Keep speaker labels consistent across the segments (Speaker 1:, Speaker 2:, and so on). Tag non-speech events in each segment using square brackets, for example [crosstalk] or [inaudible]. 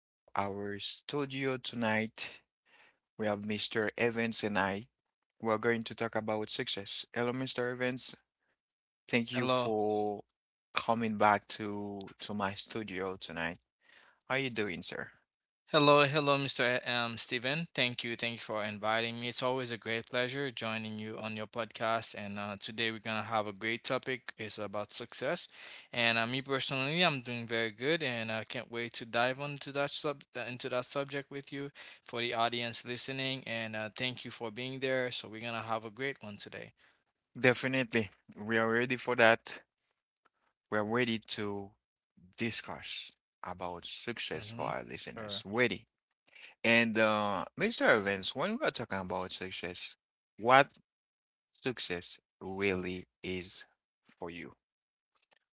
Speaker 1: to our studio tonight. We have Mr. Evans and I. We're going to talk about success. Hello, Mr. Evans. Thank you
Speaker 2: Hello.
Speaker 1: for coming back to my studio tonight. How you doing, sir?
Speaker 2: Hello, hello, Mr. Stephen. Thank you for inviting me. It's always a great pleasure joining you on your podcast. And today we're going to have a great topic. It's about success. And me personally, I'm doing very good and I can't wait to dive into that sub into that subject with you for the audience listening. And thank you for being there. So we're going to have a great one today.
Speaker 1: Definitely. We are ready for that. We're ready to discuss about success for
Speaker 2: Mm-hmm.
Speaker 1: our listeners.
Speaker 2: Sure.
Speaker 1: Ready. And Mr. Evans, when we are talking about success, what success really is for you?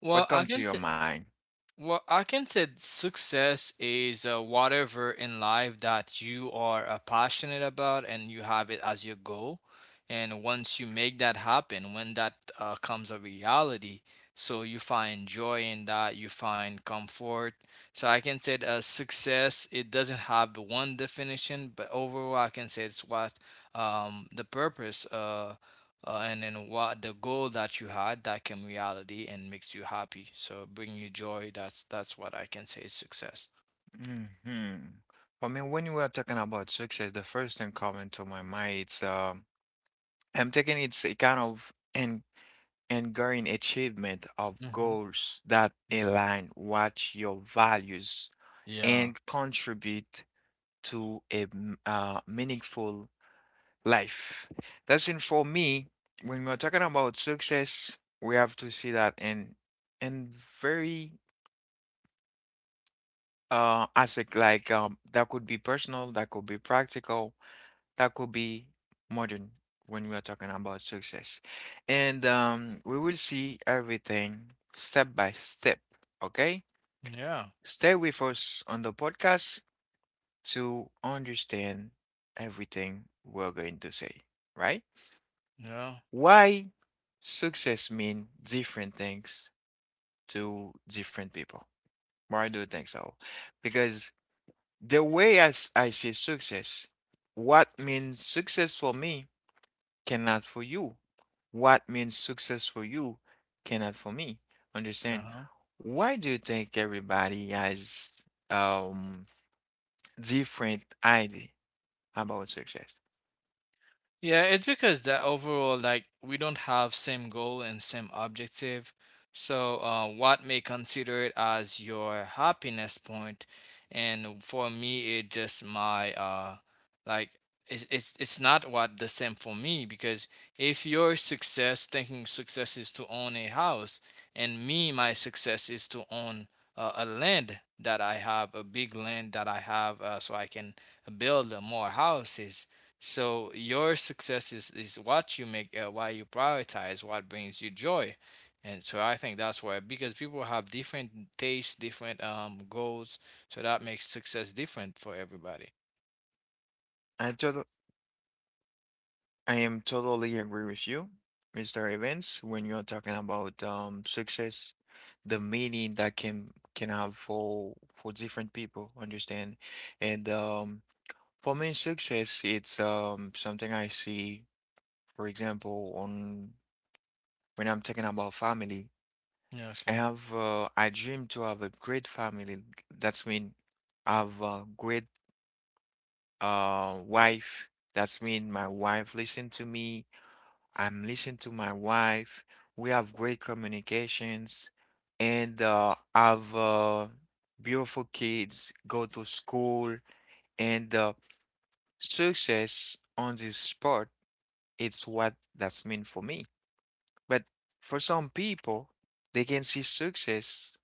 Speaker 2: Well,
Speaker 1: What
Speaker 2: I
Speaker 1: come to
Speaker 2: can
Speaker 1: your
Speaker 2: say,
Speaker 1: mind?
Speaker 2: well, I can say success is whatever in life that you are passionate about and you have it as your goal. And once you make that happen, when that comes a reality, so you find joy in that, you find comfort. So I can say that, success, it doesn't have one definition, but overall, I can say it's what the purpose. And then what the goal that you had that came reality and makes you happy so bring you joy. That's what I can say is success.
Speaker 1: hmm For me, when we are talking about success, the first thing coming to my mind it's I'm taking it's a kind of an enduring achievement of
Speaker 2: Mm-hmm.
Speaker 1: goals that
Speaker 2: Okay.
Speaker 1: align what your values
Speaker 2: Yeah.
Speaker 1: and contribute to a meaningful life. That's in for me. When we're talking about success, we have to see that in very aspect like that could be personal, that could be practical, that could be modern when we are talking about success, and we will see everything step by step. Okay,
Speaker 2: Yeah.
Speaker 1: stay with us on the podcast to understand everything we're going to say, right?
Speaker 2: Yeah.
Speaker 1: Why success mean different things to different people? Why do you think so? Because the way I see success, what means success for me cannot for you. What means success for you cannot for me. Understand?
Speaker 2: Uh-huh.
Speaker 1: Why do you think everybody has um different idea about success?
Speaker 2: Yeah, it's because that overall, like, we don't have same goal and same objective. So, what may consider it as your happiness point, and for me, it just my like it's it's not what the same for me because if your success, thinking success is to own a house, and me, my success is to own a land that I have, a big land that I have, so I can build more houses. So your success is what you make, why you prioritize, what brings you joy. And so I think that's why, because people have different tastes, different goals, so that makes success different for everybody.
Speaker 1: I total I am totally agree with you, Mr. Evans, when you're talking about success, the meaning that can have for different people, understand? And for me, success, it's something I see, for example, on when I'm talking about family.
Speaker 2: Yeah,
Speaker 1: I
Speaker 2: okay.
Speaker 1: have I dream to have a great family. That's mean I have a great wife. That's mean my wife listen to me. I'm listening to my wife. We have great communications, and have beautiful kids go to school and success on this sport. It's what that's meant for me. But for some people, they can see success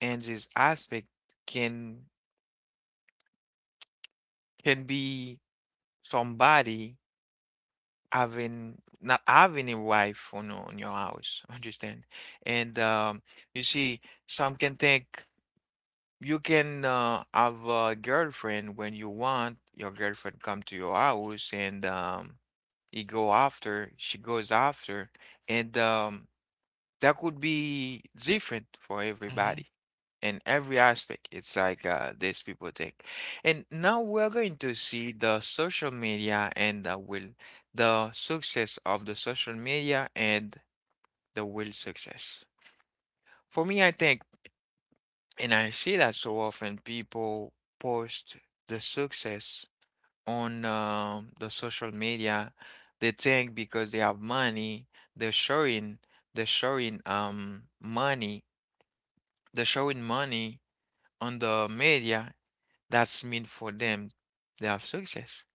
Speaker 1: and this aspect can can be somebody having not having a wife on your house, [laughs] understand? And you see, some can think you can have a girlfriend when you want. Your girlfriend come to your house and he go after, she goes after, and that could be different for
Speaker 2: Hmm.
Speaker 1: everybody in every aspect. It's like these people think. And now we're going to see the social media and the will, the success of the social media and the will success. For me, I think, and I see that so often, people post the success on the social media. They think because they have money, they're showing, they're showing money they're showing money on the media, that's mean for them. They have success.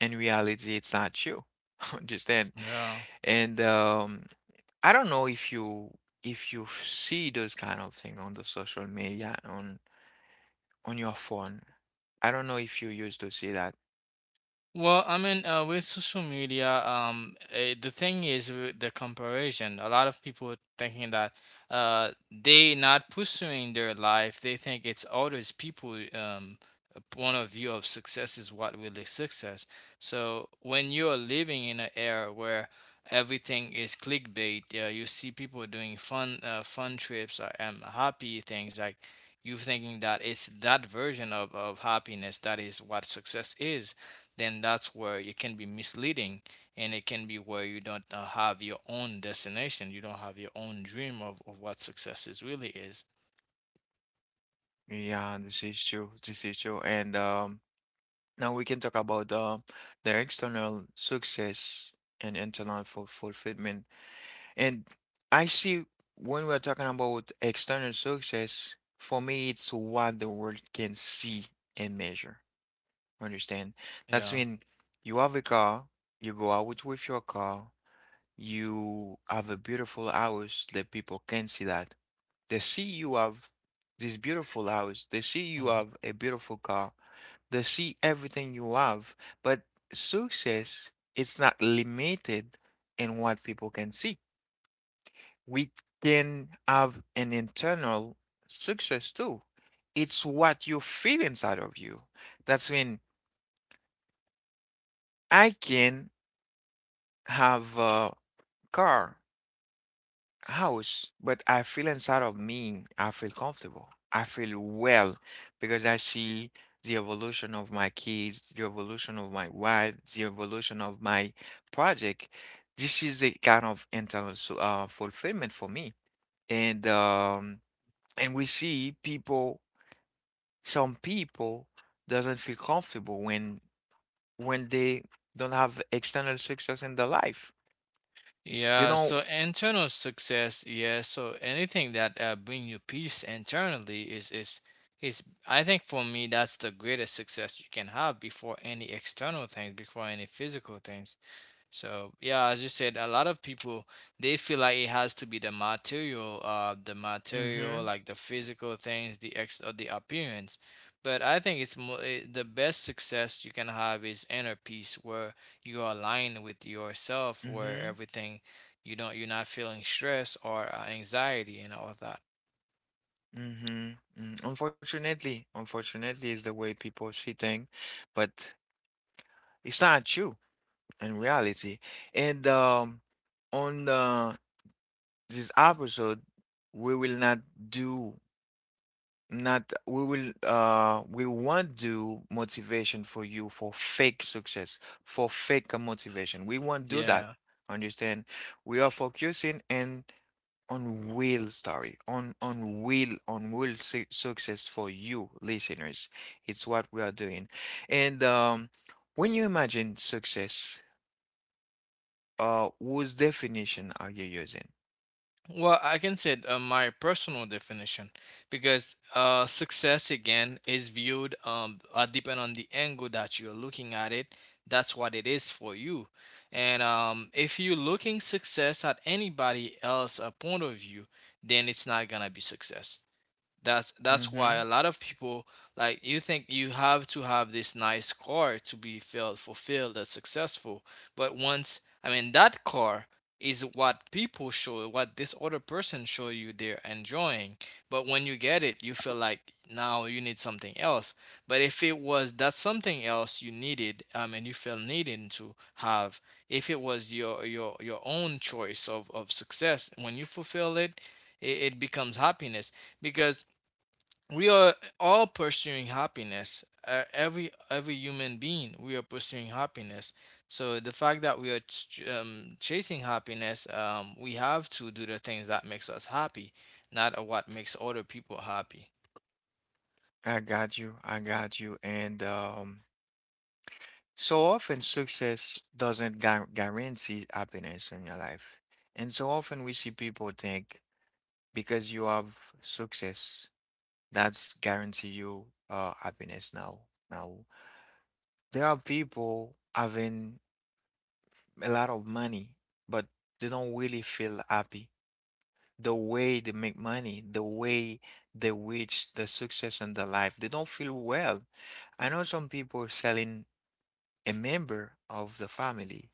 Speaker 1: In reality, it's not true. [laughs] Understand?
Speaker 2: Yeah.
Speaker 1: And I don't know if you see those kind of thing on the social media on your phone. I don't know if you used to see that.
Speaker 2: Well, I mean, with social media, the thing is with the comparison. A lot of people thinking that they not pursuing their life. They think it's others people point of view of success is what really success. So when you're living in an era where everything is clickbait, yeah, you see people doing fun trips and happy things like you thinking that it's that version of happiness that is what success is, then that's where it can be misleading and it can be where you don't have your own destination. You don't have your own dream of what success is really is.
Speaker 1: Yeah, this is true. This is true. And now we can talk about the external success and internal fulfillment. And I see when we're talking about external success, for me, it's what the world can see and measure. Understand? That's
Speaker 2: Yeah.
Speaker 1: when you have a car, you go out with your car, you have a beautiful house that people can see that. They see you have this beautiful house, they see you
Speaker 2: Mhm.
Speaker 1: have a beautiful car, they see everything you have. But success, it's not limited in what people can see. We can have an internal success too. It's what you feel inside of you. That's when I can have a car, house, but I feel inside of me, I feel comfortable. I feel well because I see the evolution of my kids, the evolution of my wife, the evolution of my project. This is a kind of internal fulfillment for me. And um, and we see people some people doesn't feel comfortable when they don't have external success in their life. They
Speaker 2: Yeah,
Speaker 1: don't.
Speaker 2: so internal success, yeah, so anything that bring you peace internally is is, I think, for me, that's the greatest success you can have before any external things, before any physical things. So yeah, as you said, a lot of people, they feel like it has to be the material, the material,
Speaker 1: Mm-hmm.
Speaker 2: like the physical things, the ex or the appearance. But I think it's more, the best success you can have is inner peace, where you are aligned with yourself, where
Speaker 1: Mm-hmm.
Speaker 2: everything, you're not feeling stress or anxiety and all of that.
Speaker 1: Mm-hmm. Unfortunately, unfortunately is the way people see things, but it's not true in reality. And on this episode, we will not do Not we will we won't do motivation for you for fake success, for fake motivation. We won't do that.
Speaker 2: Yeah.
Speaker 1: Understand? We are focusing and on real story, on on real su success for you listeners. It's what we are doing. And when you imagine success, whose definition are you using?
Speaker 2: Well, I can say my personal definition, because success again is viewed depend on the angle that you're looking at it. That's what it is for you. And if you're looking success at anybody else a point of view, then it's not gonna be success. That's why
Speaker 1: Mm-hmm.
Speaker 2: a lot of people, like, you think you have to have this nice car to be felt fulfilled and successful. But once, I mean, that car is what people show, what this other person show you they're enjoying. But when you get it, you feel like now you need something else. But if it was that something else you needed, and you feel needing to have, if it was your own choice of success, when you fulfill it it becomes happiness, because we are all pursuing happiness, every human being, we are pursuing happiness. So the fact that we are chasing happiness, we have to do the things that makes us happy, not what makes other people happy.
Speaker 1: I got you. I got you. And so often, success doesn't guarantee happiness in your life. And so often, we see people think because you have success, that's guarantee you happiness now. Now, there are people having a lot of money, but they don't really feel happy. The way they make money, the way they reach the success in their life, they don't feel well. I know some people selling a member of the family.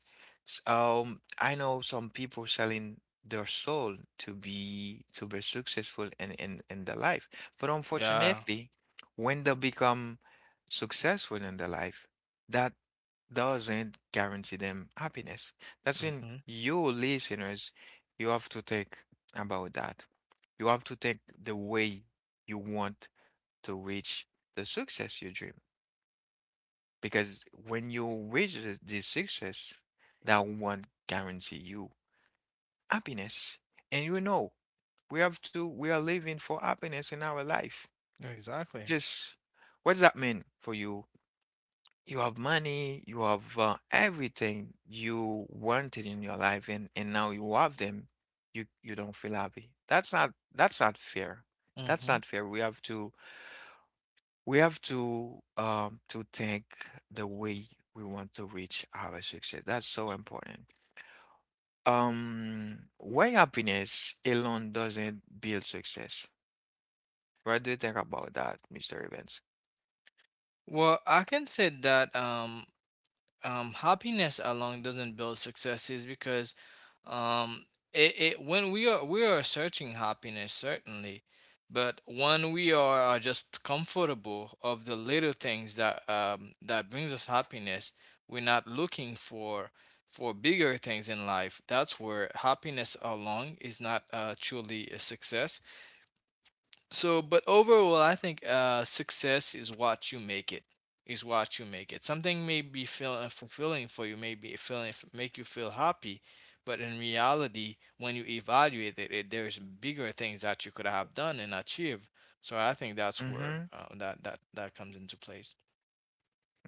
Speaker 1: I know some people selling their soul to be successful in in their life, but
Speaker 2: Yeah.
Speaker 1: unfortunately, when they become successful in their life, that doesn't guarantee them happiness. That's when
Speaker 2: Hmm.
Speaker 1: you listeners, you have to think about that. You have to take the way you want to reach the success you dream. Because when you reach this success, that won't guarantee you happiness. And you know, we have to, we are living for happiness in our life.
Speaker 2: Exactly.
Speaker 1: Just what does that mean for you? You have money, you have everything you wanted in your life, and now you have them. You don't feel happy. That's not fair. That's
Speaker 2: Hmm.
Speaker 1: not fair. We have to we have to think the way we want to reach our success. That's so important. Why happiness alone doesn't build success? What do you think about that, Mr. Evans?
Speaker 2: Well, I can say that happiness alone doesn't build success is because um, it, it, when we are searching happiness certainly, but when are just comfortable of the little things that that brings us happiness, we're not looking for bigger things in life. That's where happiness alone is not truly a success. So, but overall, I think success is what you make it. Is what you make it. Something may be feel fulfilling for you, may be feeling make you feel happy, but in reality, when you evaluate it, there's bigger things that you could have done and achieved. So I think that's where
Speaker 1: Mm-hmm.
Speaker 2: that comes into place.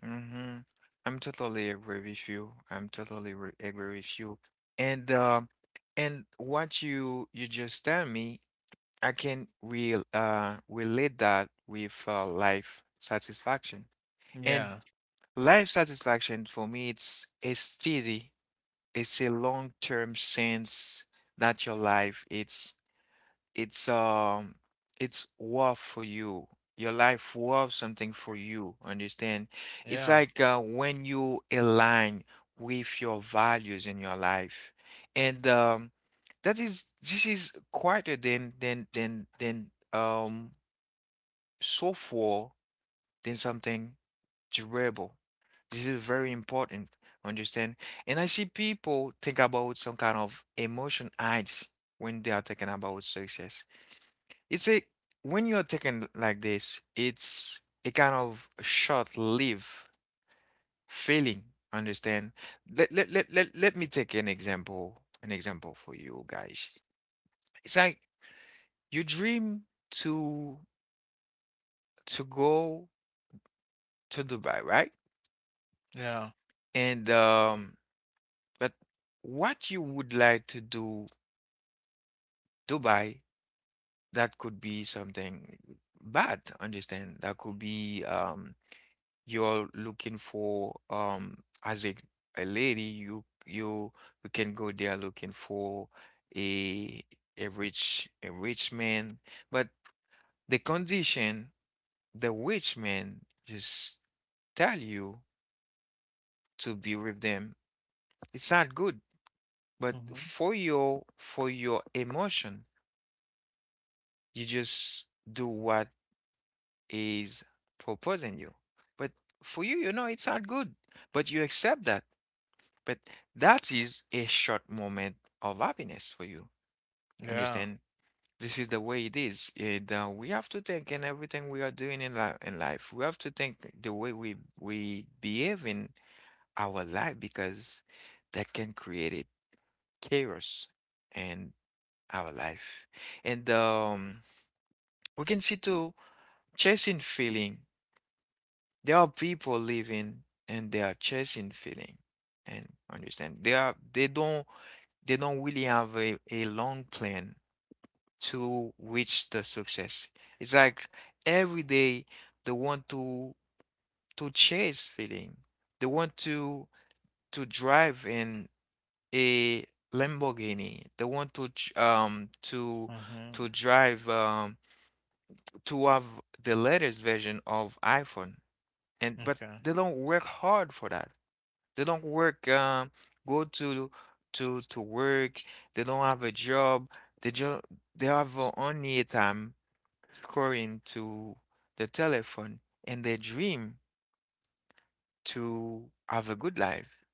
Speaker 1: Mm-hmm. I'm totally agree with you. Agree with you. And um and what you just tell me, I can real relate that with life satisfaction. And
Speaker 2: Yeah,
Speaker 1: life satisfaction for me, it's a steady, it's a long-term sense that your life, it's it's worth for you. Your life worth something for you, understand? It's
Speaker 2: yeah,
Speaker 1: like when you align with your values in your life. And that is this is quieter than so far than something durable. This is very important, understand? And I see people think about some kind of emotion heights when they are talking about success. It's a when you're talking like this, it's a kind of short-lived feeling, understand? Let me take an example for you guys. It's like you dream to to go to Dubai, right?
Speaker 2: yeah.
Speaker 1: And but what you would like to do Dubai, that could be something bad, understand? That could be you're looking for as a lady you you can go there looking for a a rich man. But the condition the rich man just tell you to be with them, it's not good. But
Speaker 2: Hmm.
Speaker 1: for your emotion you just do what is proposing you. But for you, you know it's not good, but you accept that. But that is a short moment of happiness for you.
Speaker 2: Yeah.
Speaker 1: Understand? This is the way it is. And we have to think in everything we are doing in life. In life, we have to think the way we behave in our life because that can create it chaos in our life. And we can see too chasing feeling. There are people living and they are chasing feeling and understand they are they don't really have a long plan to reach the success. It's like every day they want to chase feeling. They want to drive in a Lamborghini. They want to
Speaker 2: Hmm.
Speaker 1: to drive to have the latest version of iPhone and but
Speaker 2: Okay.
Speaker 1: they don't work hard for that. They don't work, go to work. They don't have a job. They just they have only a time scrolling to the telephone, and they dream to have a good life,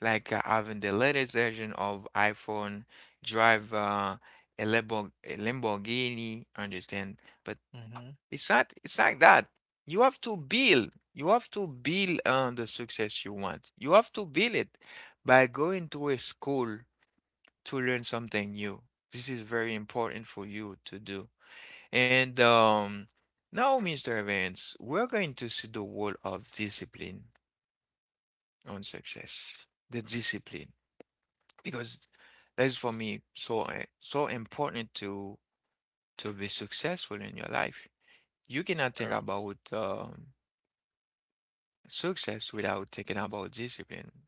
Speaker 1: like having the latest version of iPhone, drive a Lamborghini, understand? But
Speaker 2: Hmm.
Speaker 1: it's not that. You have to build. You have to build on the success you want. You have to build it by going to a school to learn something new. This is very important for you to do. And now, Mr. Evans, we're going to see the role of discipline on success. The discipline. Because that is for me so so important to be successful in your life. You cannot think about success without taking about discipline.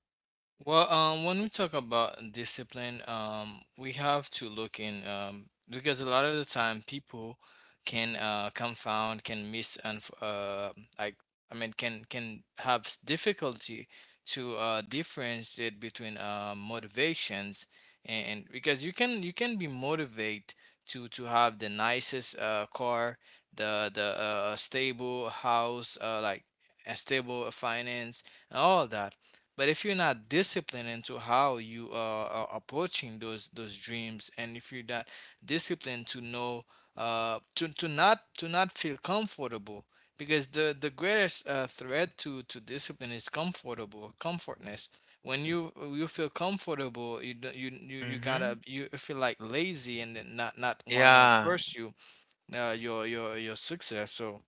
Speaker 2: Well, when we talk about discipline, we have to look in because a lot of the time people can confound, can miss, and like I mean, can have difficulty to differentiate between motivations and because you can, you can be motivated to have the nicest car, the stable house, a stable finance and all that. But if you're not disciplined into how are approaching those dreams, and if you're not disciplined to know, to not feel comfortable, because the greatest threat to discipline is comfortable comfortness. When you feel comfortable, you don't- you
Speaker 1: Mm-hmm.
Speaker 2: gotta, you feel like lazy and then not wanna
Speaker 1: Yeah.
Speaker 2: pursue your success. So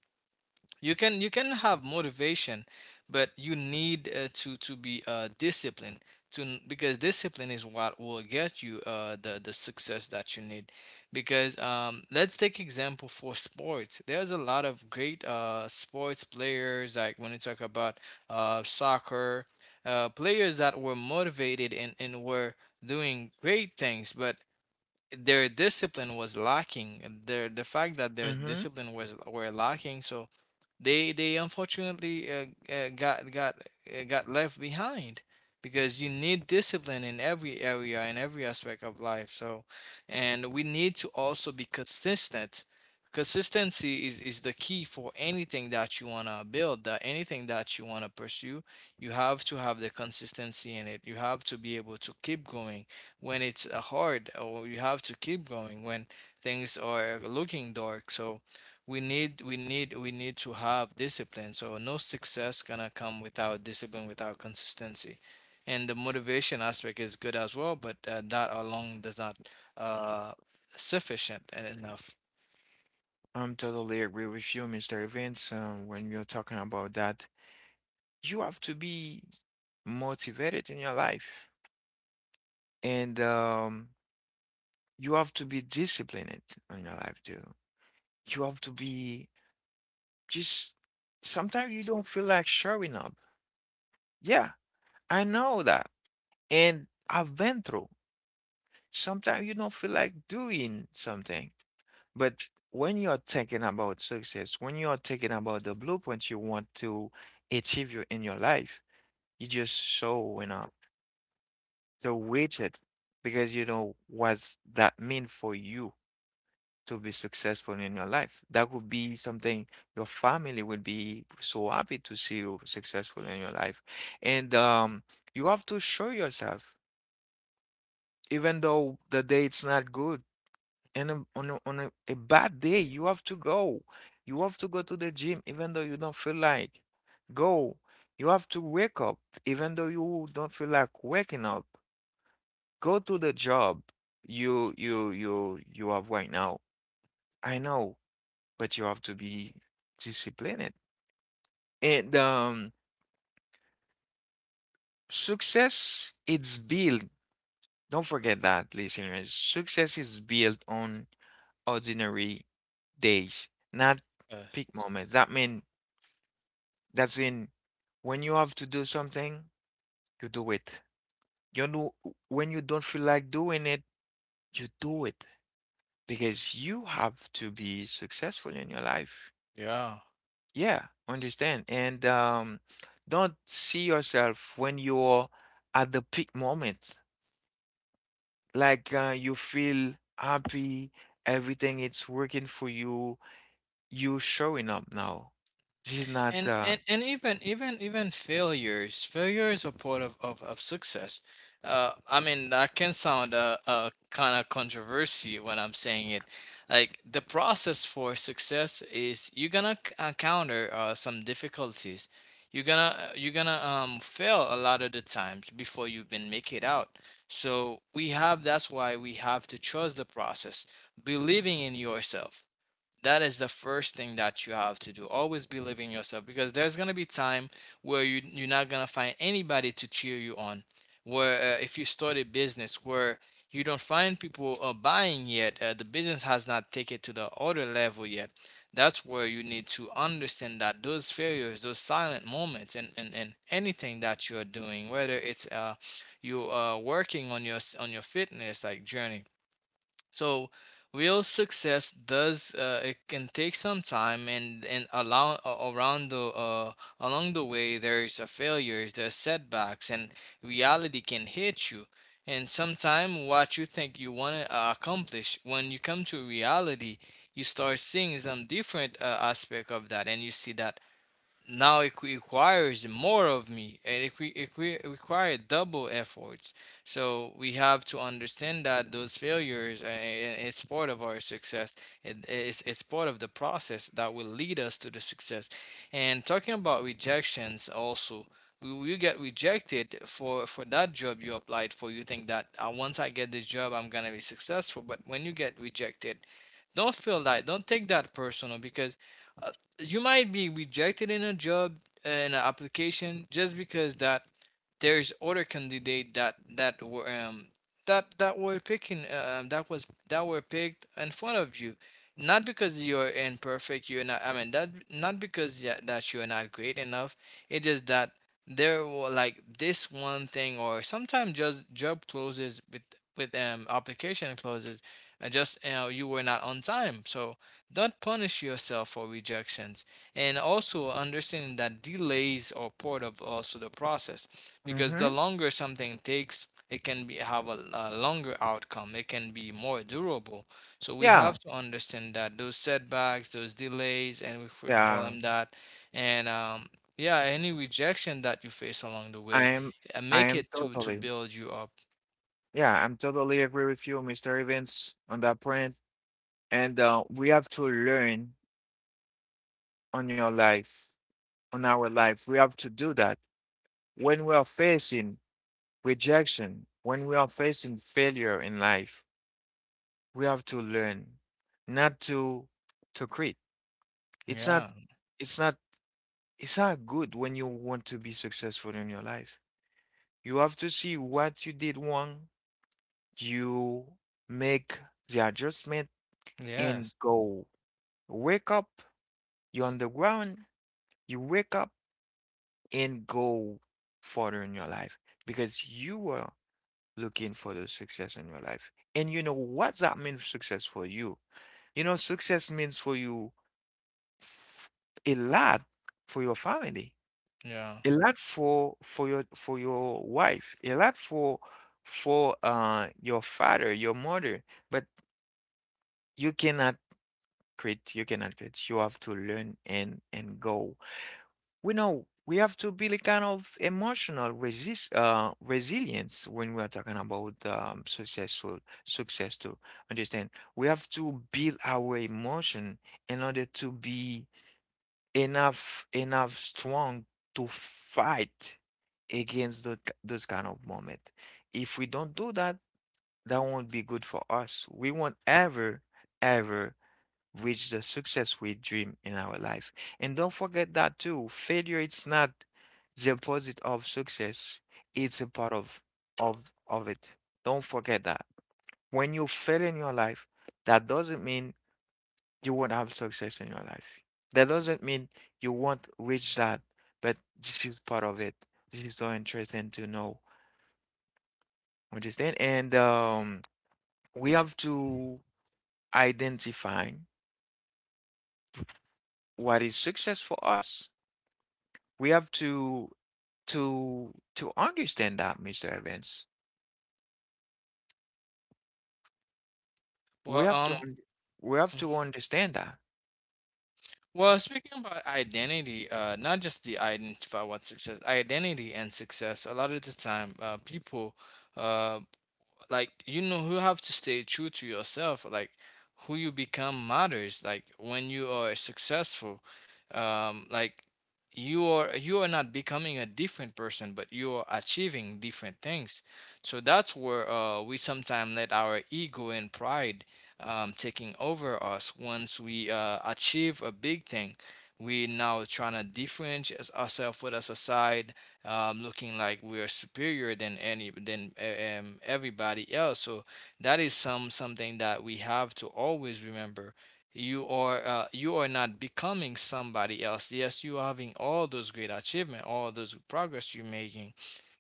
Speaker 2: you can, you can have motivation, but you need to be disciplined, to because discipline is what will get you the success that you need. Because let's take example for sports. There's a lot of great sports players, like when you talk about soccer players that were motivated and were doing great things, but their discipline was lacking, and the fact that their
Speaker 1: Mm-hmm.
Speaker 2: discipline was were lacking, so they unfortunately uh, got got got left behind, because you need discipline in every area, in every aspect of life. So, and we need to also be consistent. Consistency is the key for anything that you want to build, that anything that you want to pursue, you have to have the consistency in it. You have to be able to keep going when it's hard, or you have to keep going when things are looking dark. So we need to have discipline. So no success gonna come without discipline, without consistency. And the motivation aspect is good as well, but that alone does not, uh sufficient enough.
Speaker 1: I'm totally agree with you, Mr. Evans. When you're talking about that, you have to be motivated in your life, and you have to be disciplined in your life too. You have to be just. Sometimes you don't feel like showing up. Yeah, I know that, and I've been through. Sometimes you don't feel like doing something. But when you're thinking about success, when you're thinking about the blueprint you want to achieve you in your life, you just showing up the widget because you know what's that mean for you to be successful in your life. That would be something your family would be so happy to see you successful in your life. And you have to show yourself, even though the day it's not good. And on a bad day you have to go, you have to go to the gym even though you don't feel like go, you have to wake up even though you don't feel like waking up, go to the job you have right now. I know, but you have to be disciplined. And success it's built. Don't forget that, listeners, success is built on ordinary days, not
Speaker 2: uh,
Speaker 1: peak moments. That means that's in when you have to do something, you do it. You know, when you don't feel like doing it, you do it because you have to be successful in your life.
Speaker 2: yeah.
Speaker 1: Yeah, understand. And don't see yourself when you're at the peak moment, like you feel happy, everything it's working for you, you showing up now. This is not
Speaker 2: And even, even failures, failure is a part of success. I mean, that can sound kind of controversy when I'm saying it. Like the process for success is, you're gonna encounter some difficulties. You're gonna fail a lot of the times before you even make it out. So we have, that's why we have to trust the process. Believing in yourself, that is the first thing that you have to do. Always believe in yourself, because there's going to be time where you're not going to find anybody to cheer you on, where if you start a business, where you don't find people buying yet, the business has not taken to the other level yet. That's where you need to understand that those failures, those silent moments, and anything that you're doing, whether it's you working on your fitness like journey. So real success does it can take some time, and along around the along the way, there's a failures, there's setbacks, and reality can hit you. And sometime what you think you want to accomplish, when you come to reality, you start seeing some different aspect of that, and you see that now it requires more of me, and requires double efforts. So we have to understand that those failures, it's part of our success. It's part of the process that will lead us to the success. And talking about rejections also, you get rejected for that job you applied for. You think that once I get this job, I'm gonna be successful, but when you get rejected, don't feel that, don't take that personal. Because uh, you might be rejected in a job, in an application, just because that there's other candidate that that were picking that was that were picked in front of you. Not because you're imperfect, you're not. I mean that not because, yeah, that you're not great enough. It's just that there were like this one thing, or sometimes just job closes with application closes, and just you were not on time. So don't punish yourself for rejections. And also understanding that delays are part of also the process, because the
Speaker 1: hmm.
Speaker 2: longer something takes, it can be have a longer outcome. It can be more durable. So we
Speaker 1: Yeah,
Speaker 2: have to understand that those setbacks, those delays, and if we call
Speaker 1: yeah.
Speaker 2: them that, and yeah, any rejection that you face along the
Speaker 1: I
Speaker 2: way,
Speaker 1: am, I
Speaker 2: make
Speaker 1: am
Speaker 2: it to
Speaker 1: totally.
Speaker 2: build you up.
Speaker 1: Yeah, I'm totally agree with you, Mr. Evans, on that point. And we have to learn on your life, on our life. We have to do that when we are facing rejection, when we are facing failure in life. We have to learn not to quit. It's not.
Speaker 2: Yeah.
Speaker 1: It's not. It's not good when you want to be successful in your life. You have to see what you did wrong. You make the adjustment and
Speaker 2: Yes.
Speaker 1: go. Wake up. You're on the ground, you wake up and go further in your life because you were looking for the success in your life. And you know what that means success for you? You know, success means for you f- a lot for your family,
Speaker 2: Yeah.
Speaker 1: a lot for for your wife, a lot for your father, your mother, but you cannot quit, you cannot quit. You have to learn and go. We know we have to build kind of emotional resist resilience when we are talking about successful success to understand. We have to build our emotion in order to be enough strong to fight against those kind of moment. If we don't do that, that won't be good for us. We won't ever ever reach the success we dream in our life. And don't forget that too, failure it's not the opposite of success.
Speaker 2: Mm.
Speaker 1: It's a part of it. Don't forget that. When you fail in your life, that doesn't mean you won't have success in your life. That doesn't mean you won't reach that, but this is part of it. This is so interesting to know. Understand? And we have to identify what is success for us. We have to understand that, Mr. Evans. We
Speaker 2: Well,
Speaker 1: have to un- we have to understand that.
Speaker 2: Well, speaking about identity, not just the identify what success, identity and success. A lot of the time, people, uh, like, you know, you have to stay true to yourself, like who you become matters, like when you are successful, like you are not becoming a different person, but you are achieving different things. So that's where we sometimes let our ego and pride taking over us. Once we achieve a big thing, we now trying to differentiate ourselves with a society, looking like we're superior than any, than everybody else. So that is something that we have to always remember. You are not becoming somebody else. Yes, you are having all those great achievement, all those progress you're making,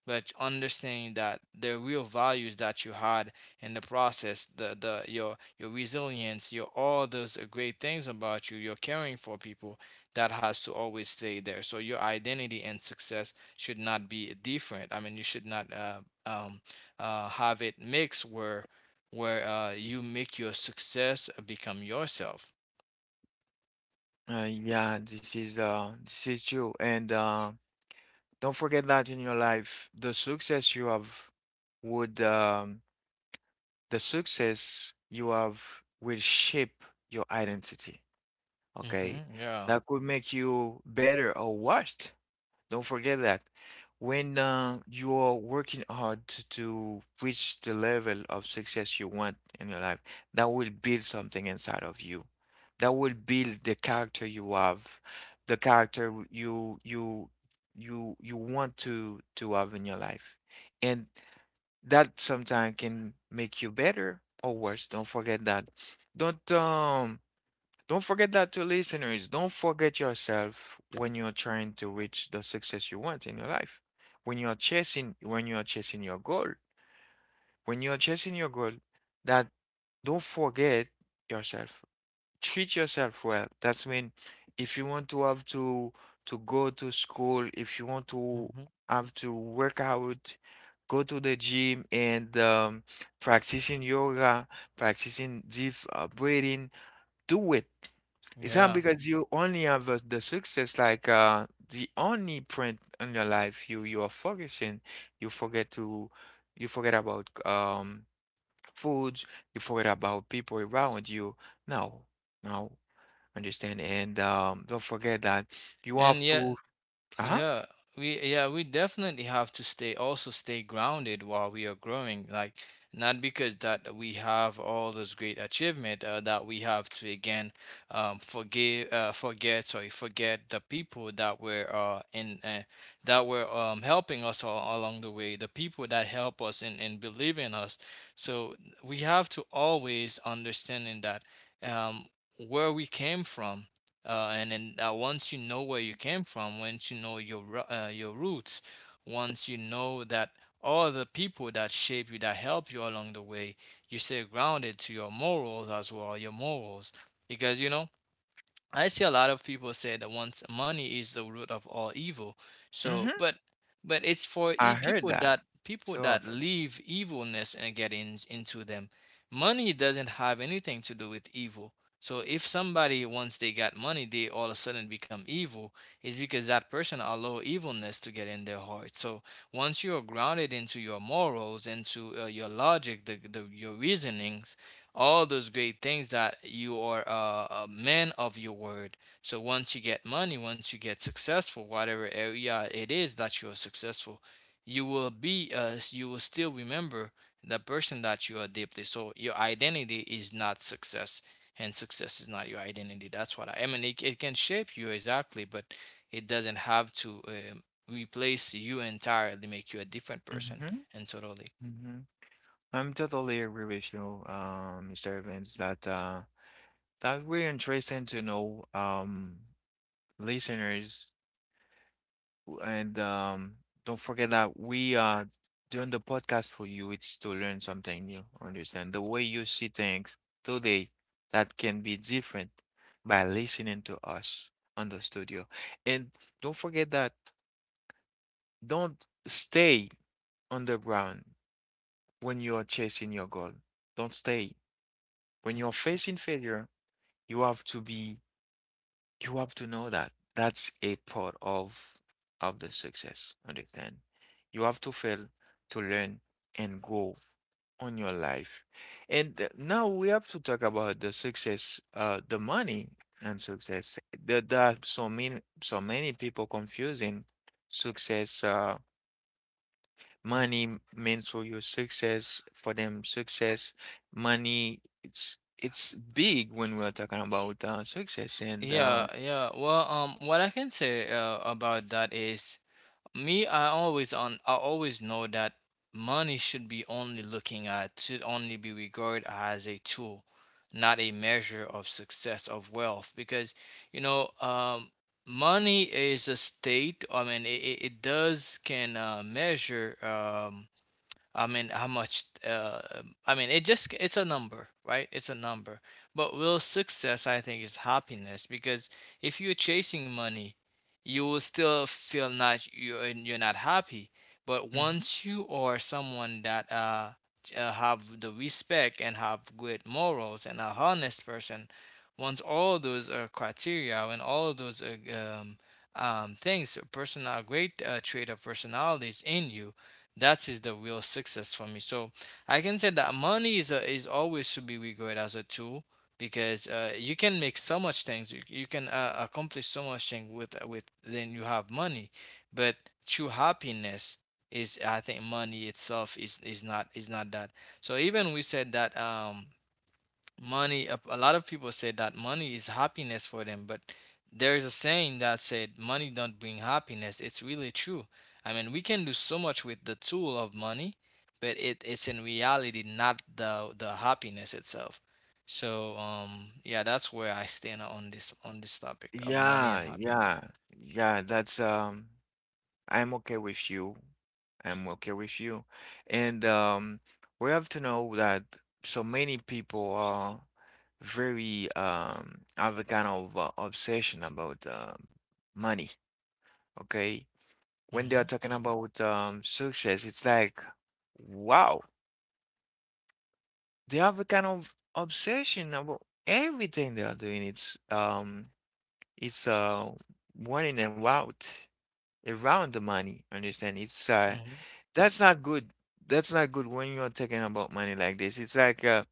Speaker 2: but understanding that the real values that you had in the process, the your resilience, your all those great things about you, you're caring for people, that has to always stay there. So your identity and success should not be different. I mean, you should not um, have it mixed where you make your success become yourself.
Speaker 1: Yeah, this is true. And don't forget that in your life, the success you have would the success you have will shape your identity. Okay.
Speaker 2: Hmm. Yeah.
Speaker 1: That could make you better or worse. Don't forget that when you are working hard to reach the level of success you want in your life, that will build something inside of you. That will build the character you have, the character you want to have in your life. And that sometimes can make you better or worse. Don't forget that. Don't um don't forget that to listeners. Don't forget yourself when you're trying to reach the success you want in your life. When you're chasing your goal, when you're chasing your goal, that don't forget yourself. Treat yourself well. That's mean if you want to have to go to school, if you want to
Speaker 2: Hmm.
Speaker 1: have to work out, go to the gym and practicing yoga, practicing deep breathing, do it. It's not
Speaker 2: Yeah.
Speaker 1: because you only have the success, like the only print in your life you you are focusing. You forget you forget about foods. You forget about people around you. No, no, understand. And don't forget that you have
Speaker 2: And yeah,
Speaker 1: to. Uh-huh.
Speaker 2: yeah, we definitely have to stay also stay grounded while we are growing. Like, not because that we have all those great achievement, that we have to again forgive, forget, sorry, forget the people that were in that were helping us all along the way, the people that help us and believe in us. So we have to always understanding that um, where we came from, and then once you know where you came from, once you know your your roots, once you know that all the people that shape you, that help you along the way, you stay grounded to your morals as well, your morals. Because, you know, I see a lot of people say that once money is the root of all evil. So,
Speaker 1: Mm-hmm.
Speaker 2: but it's for
Speaker 1: I heard
Speaker 2: people, that
Speaker 1: that
Speaker 2: people
Speaker 1: so
Speaker 2: that
Speaker 1: often.
Speaker 2: leave evilness and get in, into them. Money doesn't have anything to do with evil. So if somebody, once they got money, they all of a sudden become evil, is because that person allow evilness to get in their heart. So once you are grounded into your morals, into your logic, the your reasonings, all those great things that you are a man of your word. So once you get money, once you get successful, whatever area it is that you are successful, you will be you will still remember the person that you are deeply. So your identity is not success, and success is not your identity. That's what I mean. It can shape you exactly, but it doesn't have to replace you entirely, make you a different person,
Speaker 1: Mm-hmm.
Speaker 2: and totally.
Speaker 1: Mm-hmm. I'm totally agree with you, Mr. Evans. That that really interesting to know. Listeners, and don't forget that we are doing the podcast for you. It's to learn something new. Understand the way you see things today that can be different by listening to us on the studio. And don't forget that, don't stay on the ground when you are chasing your goal. Don't stay. When you're facing failure, you have to be, you have to know that that's a part of the success. Understand? You have to fail to learn and grow on your life. And now we have to talk about the success, the money and success. There are so many people confusing success. Money means for you success. For them, success, money. It's big when we're talking about success and.
Speaker 2: Yeah, yeah. Well, what I can say about that is me. I always on. I always know that money should be only looking at, should only be regarded as a tool, not a measure of success of wealth. Because, you know, money is a state. I mean, it it does can measure I mean, how much? I mean, it just—it's a number, right? It's a number. But real success, I think, is happiness. Because if you're chasing money, you will still feel not, you're not happy. But
Speaker 1: Mhm.
Speaker 2: once you are someone that have the respect and have good morals and a honest person, once all those are criteria and all those are things, a person, a great trait of personalities in you, that is the real success for me. So I can say that money is is always to be regarded as a tool, because you can make so much things. You can accomplish so much thing with then you have money, but true happiness is, I think, money itself is is not that. So even we said that money, a lot of people say that money is happiness for them, but there is a saying that said money don't bring happiness. It's really true. I mean, we can do so much with the tool of money, but it's in reality not the happiness itself. So yeah, that's where I stand on this, on this topic of money and
Speaker 1: Yeah,
Speaker 2: happiness.
Speaker 1: yeah, yeah. That's I'm okay with you. I'm okay with you. And we have to know that so many people are very have a kind of obsession about money. Okay, when they
Speaker 2: Mm-hmm.
Speaker 1: are talking about success, it's like wow, they have a kind of obsession about everything they are doing. It's wanting them out, around the money. Understand? It's
Speaker 2: Mm-hmm.
Speaker 1: that's not good. That's not good when you're talking about money like this. It's like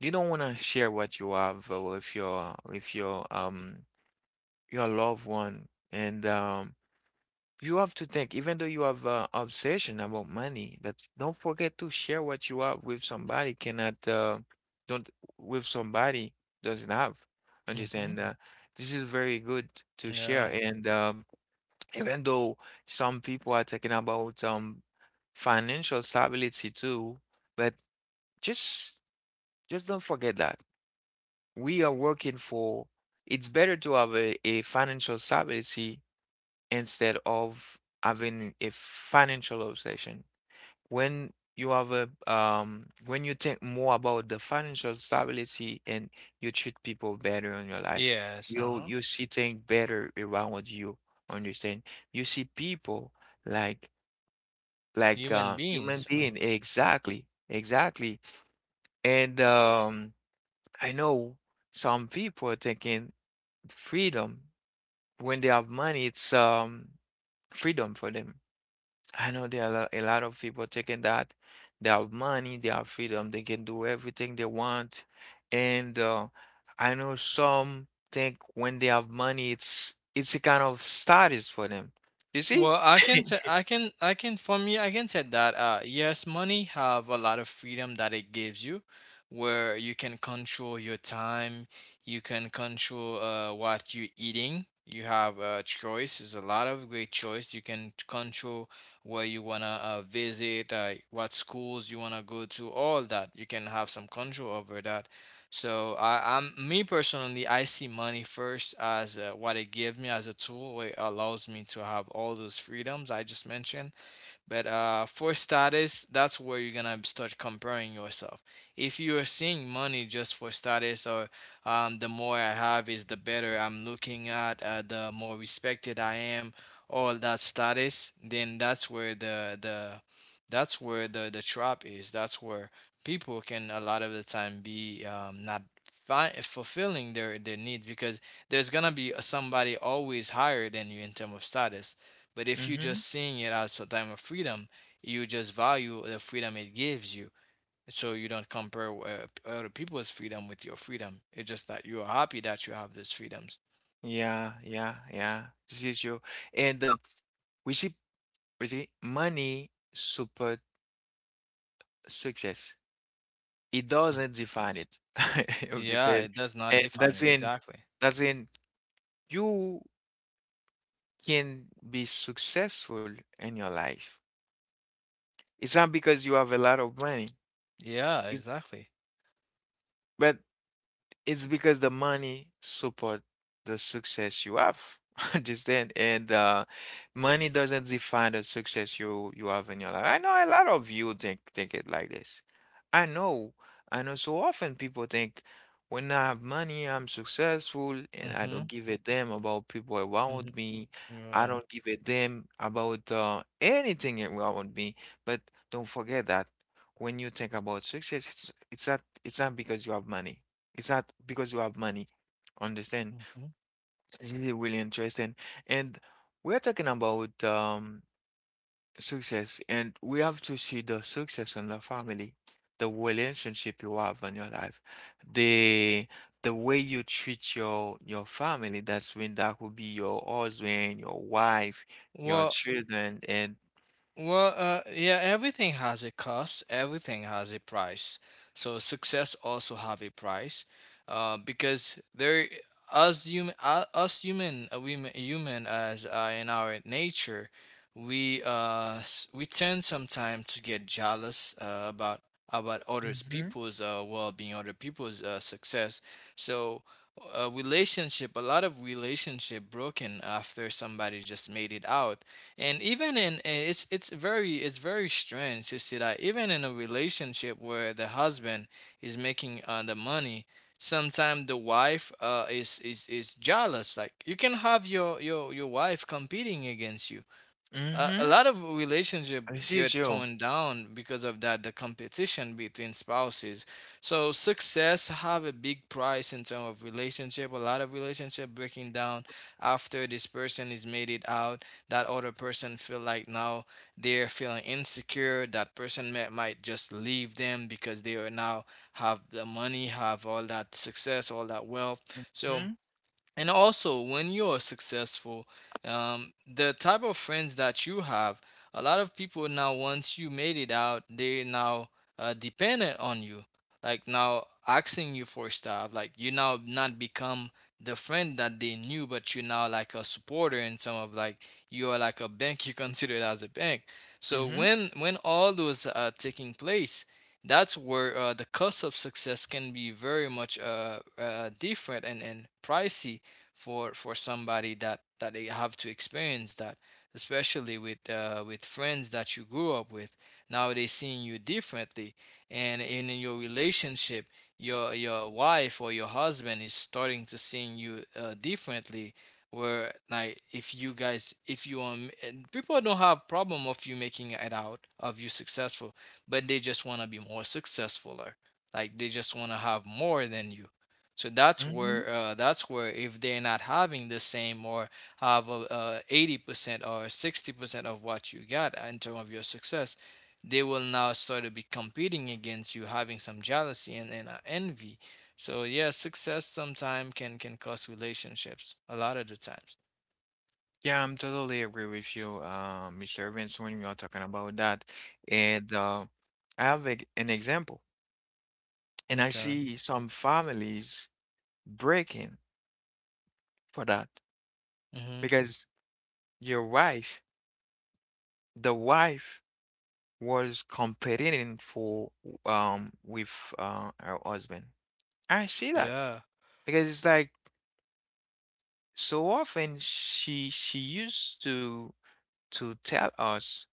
Speaker 1: you don't want to share what you have with your your loved one. And you have to think even though you have an obsession about money, but don't forget to share what you have with somebody cannot don't with somebody doesn't have.
Speaker 2: Mm-hmm.
Speaker 1: Understand this is very good to share.
Speaker 2: Yeah.
Speaker 1: And even though some people are talking about financial stability too, but just just don't forget that we are working for, it's better to have a financial stability instead of having a financial obsession. When you have a when you think more about the financial stability and you treat people better in your life,
Speaker 2: Yes.
Speaker 1: you
Speaker 2: Uh-huh.
Speaker 1: you see things better around you, understand? You see people like like
Speaker 2: Human
Speaker 1: human
Speaker 2: beings,
Speaker 1: being. Exactly, exactly. And I know some people are thinking freedom when they have money. It's freedom for them. I know there are a lot of people taking that, they have money, they have freedom, they can do everything they want. And I know some think when they have money it's a kind of status for them, you see.
Speaker 2: well, I can say I can for me I can say that, yes, money have a lot of freedom that it gives you, where you can control your time, you can control what you're eating. You have a choice. There's a lot of great choice. You can control where you wanna visit, what schools you wanna go to, all that. You can have some control over that. So I'm me personally, I see money first as what it gives me as a tool. It allows me to have all those freedoms I just mentioned, but for status, that's where you're gonna start comparing yourself. If you are seeing money just for status, or the more I have is the better I'm looking at, the more respected I am, all that status, then that's where the that's where the trap is. That's where people can, a lot of the time, be not fulfilling their needs, because there's gonna be somebody always higher than you in terms of status. But
Speaker 1: [laughs]
Speaker 2: if you
Speaker 1: Hmm.
Speaker 2: just seeing it as a time of freedom, you just value the freedom it gives you. So you don't compare other people's freedom with your freedom. It's just that you are happy that you have those freedoms.
Speaker 1: Yeah, yeah, yeah. This is true. And we see, we see money support success. It
Speaker 2: Mm.
Speaker 1: doesn't define it. [laughs] You
Speaker 2: Yeah,
Speaker 1: understand?
Speaker 2: it does not
Speaker 1: And
Speaker 2: define
Speaker 1: that's
Speaker 2: it, exactly.
Speaker 1: that's in, you can be successful in your life. It's not because you have a lot of money.
Speaker 2: Yeah,
Speaker 1: It's,
Speaker 2: exactly.
Speaker 1: but it's because the money support the success you have. [laughs] Understand? And money doesn't define the success you you have in your life. I know a lot of you think it like this. I know, I know. So often people think when I have money, I'm successful, and I
Speaker 2: Mm-hmm.
Speaker 1: don't give a damn about people
Speaker 2: Mm-hmm.
Speaker 1: around me. I
Speaker 2: Yeah.
Speaker 1: don't give a damn about anything around me. But don't forget that when you think about success, it's it's not because you have money. It's not because you have money. Understand?
Speaker 2: Mhm.
Speaker 1: This is really interesting. And we're talking about success, and we have to see the success in the family, the relationship you have in your life, the the way you treat your family. That's when that will be your husband, your wife, your
Speaker 2: Well.
Speaker 1: children, and
Speaker 2: Well, yeah, everything has a cost, everything has a price. So success also have a price, because there, us human, we human as, in our nature, we we tend sometimes to get jealous about others
Speaker 1: mm-hmm,
Speaker 2: people's well-being, other people's success. So a relationship, a lot of relationship broken after somebody just made it out. And even in, it's very strange to see that even in a relationship where the husband is making the money, sometimes the wife uh, is is jealous, like you can have your your wife competing against you. A
Speaker 1: mm-hmm.
Speaker 2: lot of relationship
Speaker 1: This is
Speaker 2: get
Speaker 1: you.
Speaker 2: torn down because of that, the competition between spouses. So success have a big price in terms of relationship. A lot of relationship breaking down after this person is made it out, that other person feel like, now they're feeling insecure, that person might just leave them because they are now have the money, have all that success, all that wealth. So,
Speaker 1: Mm-hmm,
Speaker 2: and also, when you're successful, the type of friends that you have, a lot of people now, once you made it out, they now dependent on you. Like, now asking you for stuff. Like you now not become the friend that they knew, but you now like a supporter in some of, like, you are like a bank. [laughs] You consider it as a bank. So
Speaker 1: mm-hmm,
Speaker 2: when all those are taking place, that's where the cost of success can be very much different and pricey for somebody that they have to experience that, especially with friends that you grew up with. Now they seeing you differently, and in your relationship, your wife or your husband is starting to seeing you differently. Where, like, if you guys if you and people don't have problem of you making it out of you successful, but they just want to be more successful or like they just want to have more than you. So that's
Speaker 1: mm-hmm.
Speaker 2: where if they're not having the same or have 80% or 60% of what you got in terms of your success, they will now start to be competing against you, having some jealousy and envy. So yeah, success sometimes can cause relationships a lot of the times.
Speaker 1: Yeah, I'm totally agree with you, Mr. Evans, when we are talking about that. And I have an example, and I
Speaker 2: Okay.
Speaker 1: see some families breaking for that
Speaker 2: Mhm.
Speaker 1: because your wife, the wife, was competing for with her husband. I see that
Speaker 2: Yeah.
Speaker 1: because it's like so often she used to tell us.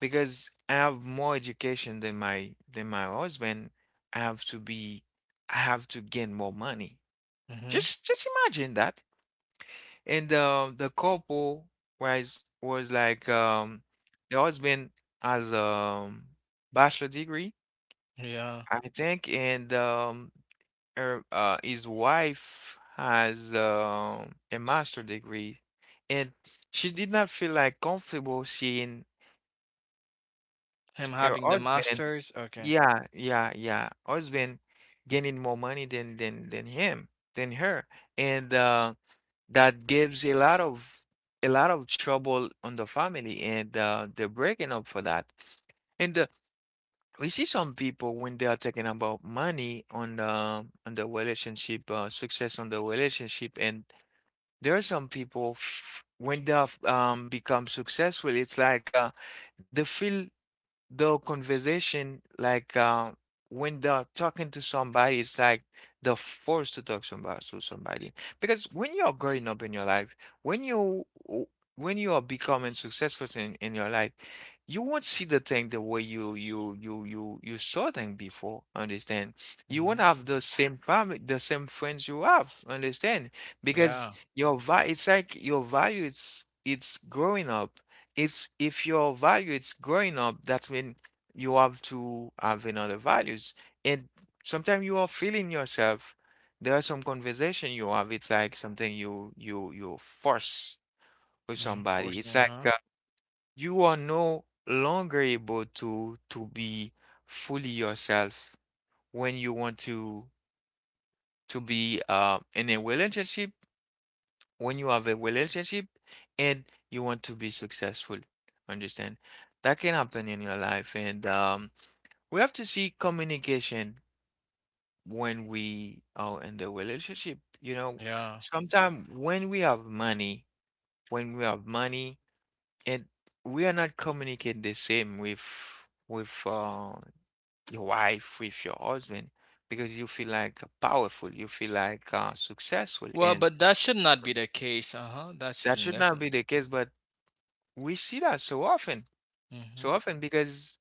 Speaker 1: Because I have more education than my husband, I have to be I have to gain more money.
Speaker 2: Mhm.
Speaker 1: Just imagine that. And the couple was like the husband has bachelor degree,
Speaker 2: Yeah.
Speaker 1: I think, and her his wife has a master degree and she did not feel like comfortable seeing
Speaker 2: Him
Speaker 1: her
Speaker 2: having the
Speaker 1: husband.
Speaker 2: masters. Okay.
Speaker 1: Yeah, yeah, yeah. Husband gaining more money than him, than her. And that gives a lot of trouble on the family, and they're breaking up for that. And we see some people when they are talking about money on the relationship, success on the relationship. And there are some people f when they have become successful, it's like they feel the conversation, like when they're talking to somebody, it's like they're forced to talk somebody to somebody. Because when you're growing up in your life, when you w- when you are becoming successful in your life, you won't see the thing the way you saw them before. Understand? You
Speaker 2: Mhm.
Speaker 1: won't have the same family, the same friends you have. Understand? Because
Speaker 2: Yeah.
Speaker 1: your value, it's like your value, it's growing up. It's if your value is growing up, that's when you have to have another values. And sometimes you are feeling yourself. There are some conversation you have. It's like something you force with
Speaker 2: Mhm.
Speaker 1: somebody. It's
Speaker 2: Forcing,
Speaker 1: like
Speaker 2: huh?
Speaker 1: you are no longer able to be fully yourself when you want to be in a relationship. When you have a relationship and you want to be successful. Understand? That can happen in your life. And we have to see communication when we are in the relationship. You know,
Speaker 2: Yeah.
Speaker 1: sometimes when we have money, when we have money, and we are not communicating the same with with uh, your wife, with your husband, because you feel like powerful, you feel like successful,
Speaker 2: Well,
Speaker 1: and
Speaker 2: but that should not be the case. Uh huh. That
Speaker 1: that
Speaker 2: shouldn't
Speaker 1: should not be
Speaker 2: definitely.
Speaker 1: the case. But we see that
Speaker 2: Hmm.
Speaker 1: so often because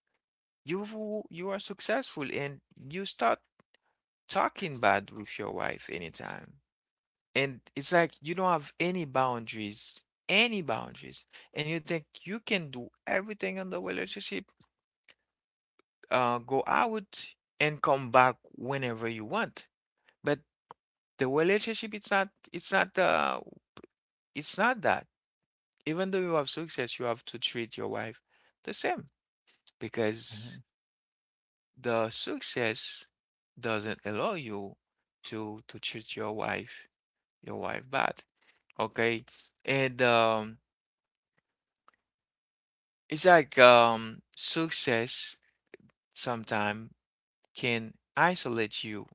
Speaker 1: you are successful and you start talking bad with your wife anytime. And it's like you don't have any boundaries, any boundaries. And you think you can do everything in the relationship, go out and come back whenever you want. But the relationship, it's not that. Even though you have success, you have to treat your wife the same, because the success doesn't allow you to treat your wife bad, okay? And it's like success sometimes can isolate you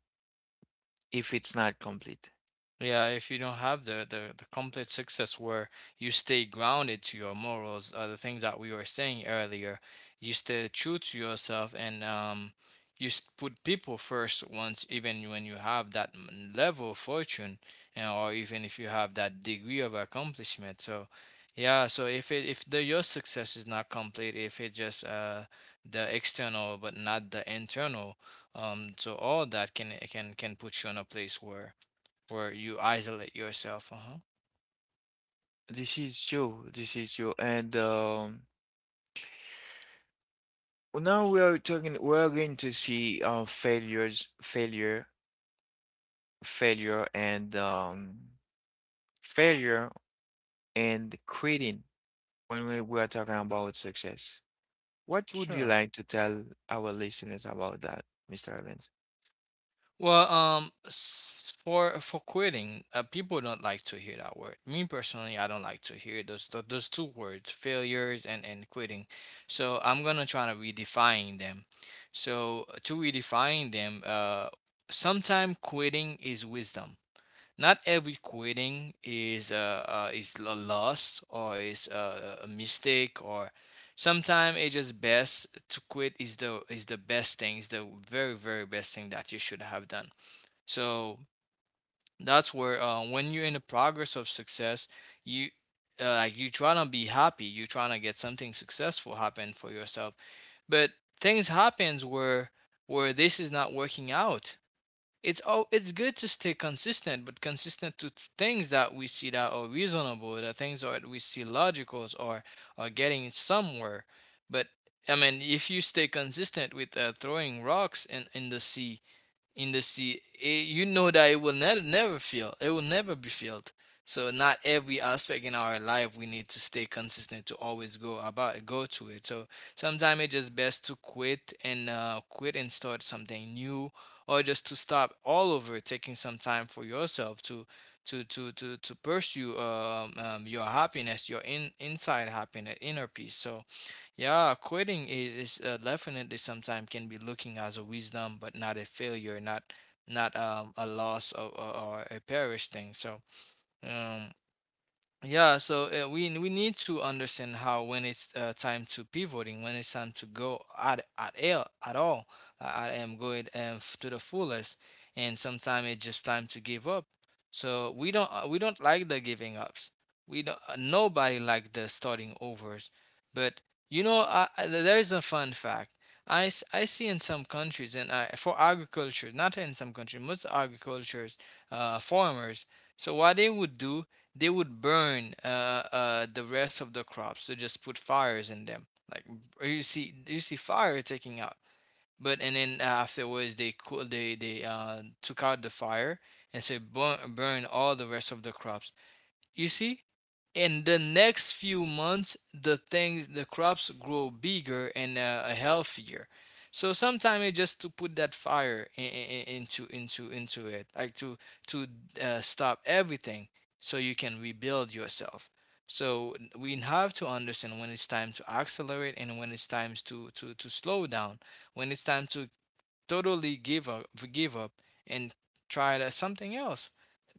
Speaker 1: if it's not complete.
Speaker 2: Yeah, if you don't have the complete success where you stay grounded to your morals, the things that we were saying earlier, you stay true to yourself and you put people first once, even when you have that level of fortune, and, or even if you have that degree of accomplishment. So, yeah, so if the your success is not complete, if it just the external but not the internal, so all that can put you in a place where you isolate yourself. Uh-huh.
Speaker 1: This is true, this is true. And now we are talking, we're going to see uh failures failure failure and um failure and quitting. When we are talking about success, what would you
Speaker 2: Sure.
Speaker 1: like to tell our listeners about that, Mr. Evans?
Speaker 2: Well, for quitting, people don't like to hear that word. Me personally, I don't like to hear those two words, failures and quitting. So I'm gonna try to redefine them. So to redefine them, sometime quitting is wisdom. Not every quitting is a loss or is a mistake or sometimes it just best to quit is the best thing is the very very best thing that you should have done. So that's where when you're in the progress of success, you like you trying to be happy, you trying to get something successful happen for yourself, but things happens where this is not working out. It's good to stay consistent, but consistent to things that we see that are reasonable, the things that we see logical or are getting somewhere. But I mean, if you stay consistent with throwing rocks in the sea, you know that it will never never feel. It will never be filled. So not every aspect in our life we need to stay consistent to always go to it. So sometimes it's just best to quit and start something new, or just to stop all over, taking some time for yourself to pursue your happiness, your in inside happiness, inner peace. So yeah, quitting is definitely sometimes can be looking as a wisdom, but not a failure, not a loss or a perished thing. So, um, yeah, so we need to understand how when it's time to pivoting, when it's time to go at all, at all. I am going to the fullest, and sometimes it's just time to give up. So we don't like the giving ups. We don't Nobody like the starting overs. But there is a fun fact. I see in some countries and I, for agriculture, not in some countries, most agricultures, farmers. So what they would do, they would burn the rest of the crops. They just put fires in them. Like you see, fire taking out. But and then afterwards, they took out the fire and said burn all the rest of the crops. You see, in the next few months the crops grow bigger and healthier. So sometimes it's just to put that fire into it, like to to stop everything so you can rebuild yourself. So we have to understand when it's time to accelerate and when it's time to slow down, when it's time to totally give up and try something else,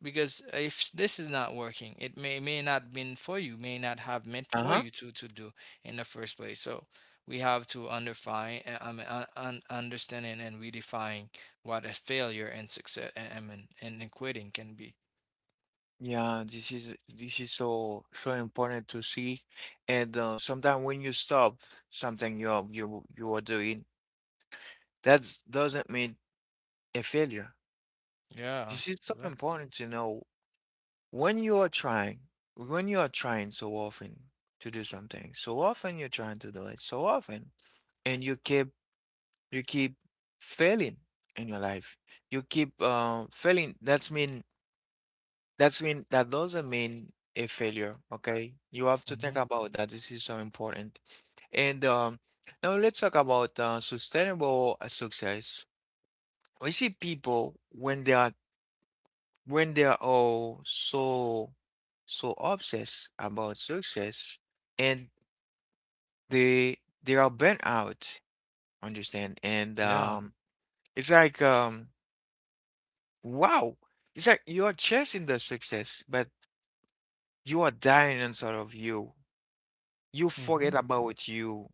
Speaker 2: because if this is not working, it may not have meant for
Speaker 1: Uh-huh.
Speaker 2: you to do in the first place. So we have to underfine, I mean, understand and redefine what a failure and success, I mean, and quitting can be.
Speaker 1: Yeah, this is so so important to see, and sometimes when you stop something you are you are doing, that doesn't mean a failure.
Speaker 2: Yeah.
Speaker 1: This is so
Speaker 2: Yeah.
Speaker 1: important to know. When you are trying, when you are trying so often to do something, so often you're trying to do it, so often, and you keep failing in your life. You keep failing. That's mean that doesn't mean a failure, okay? You have to think
Speaker 2: Hmm.
Speaker 1: about that. This is so important. And now let's talk about sustainable success. We see people when they are all so so obsessed about success, and they are burnt out. Understand? And
Speaker 2: Yeah.
Speaker 1: it's like wow, it's like you are chasing the success, but you are dying inside of you. You
Speaker 2: Hmm.
Speaker 1: forget about you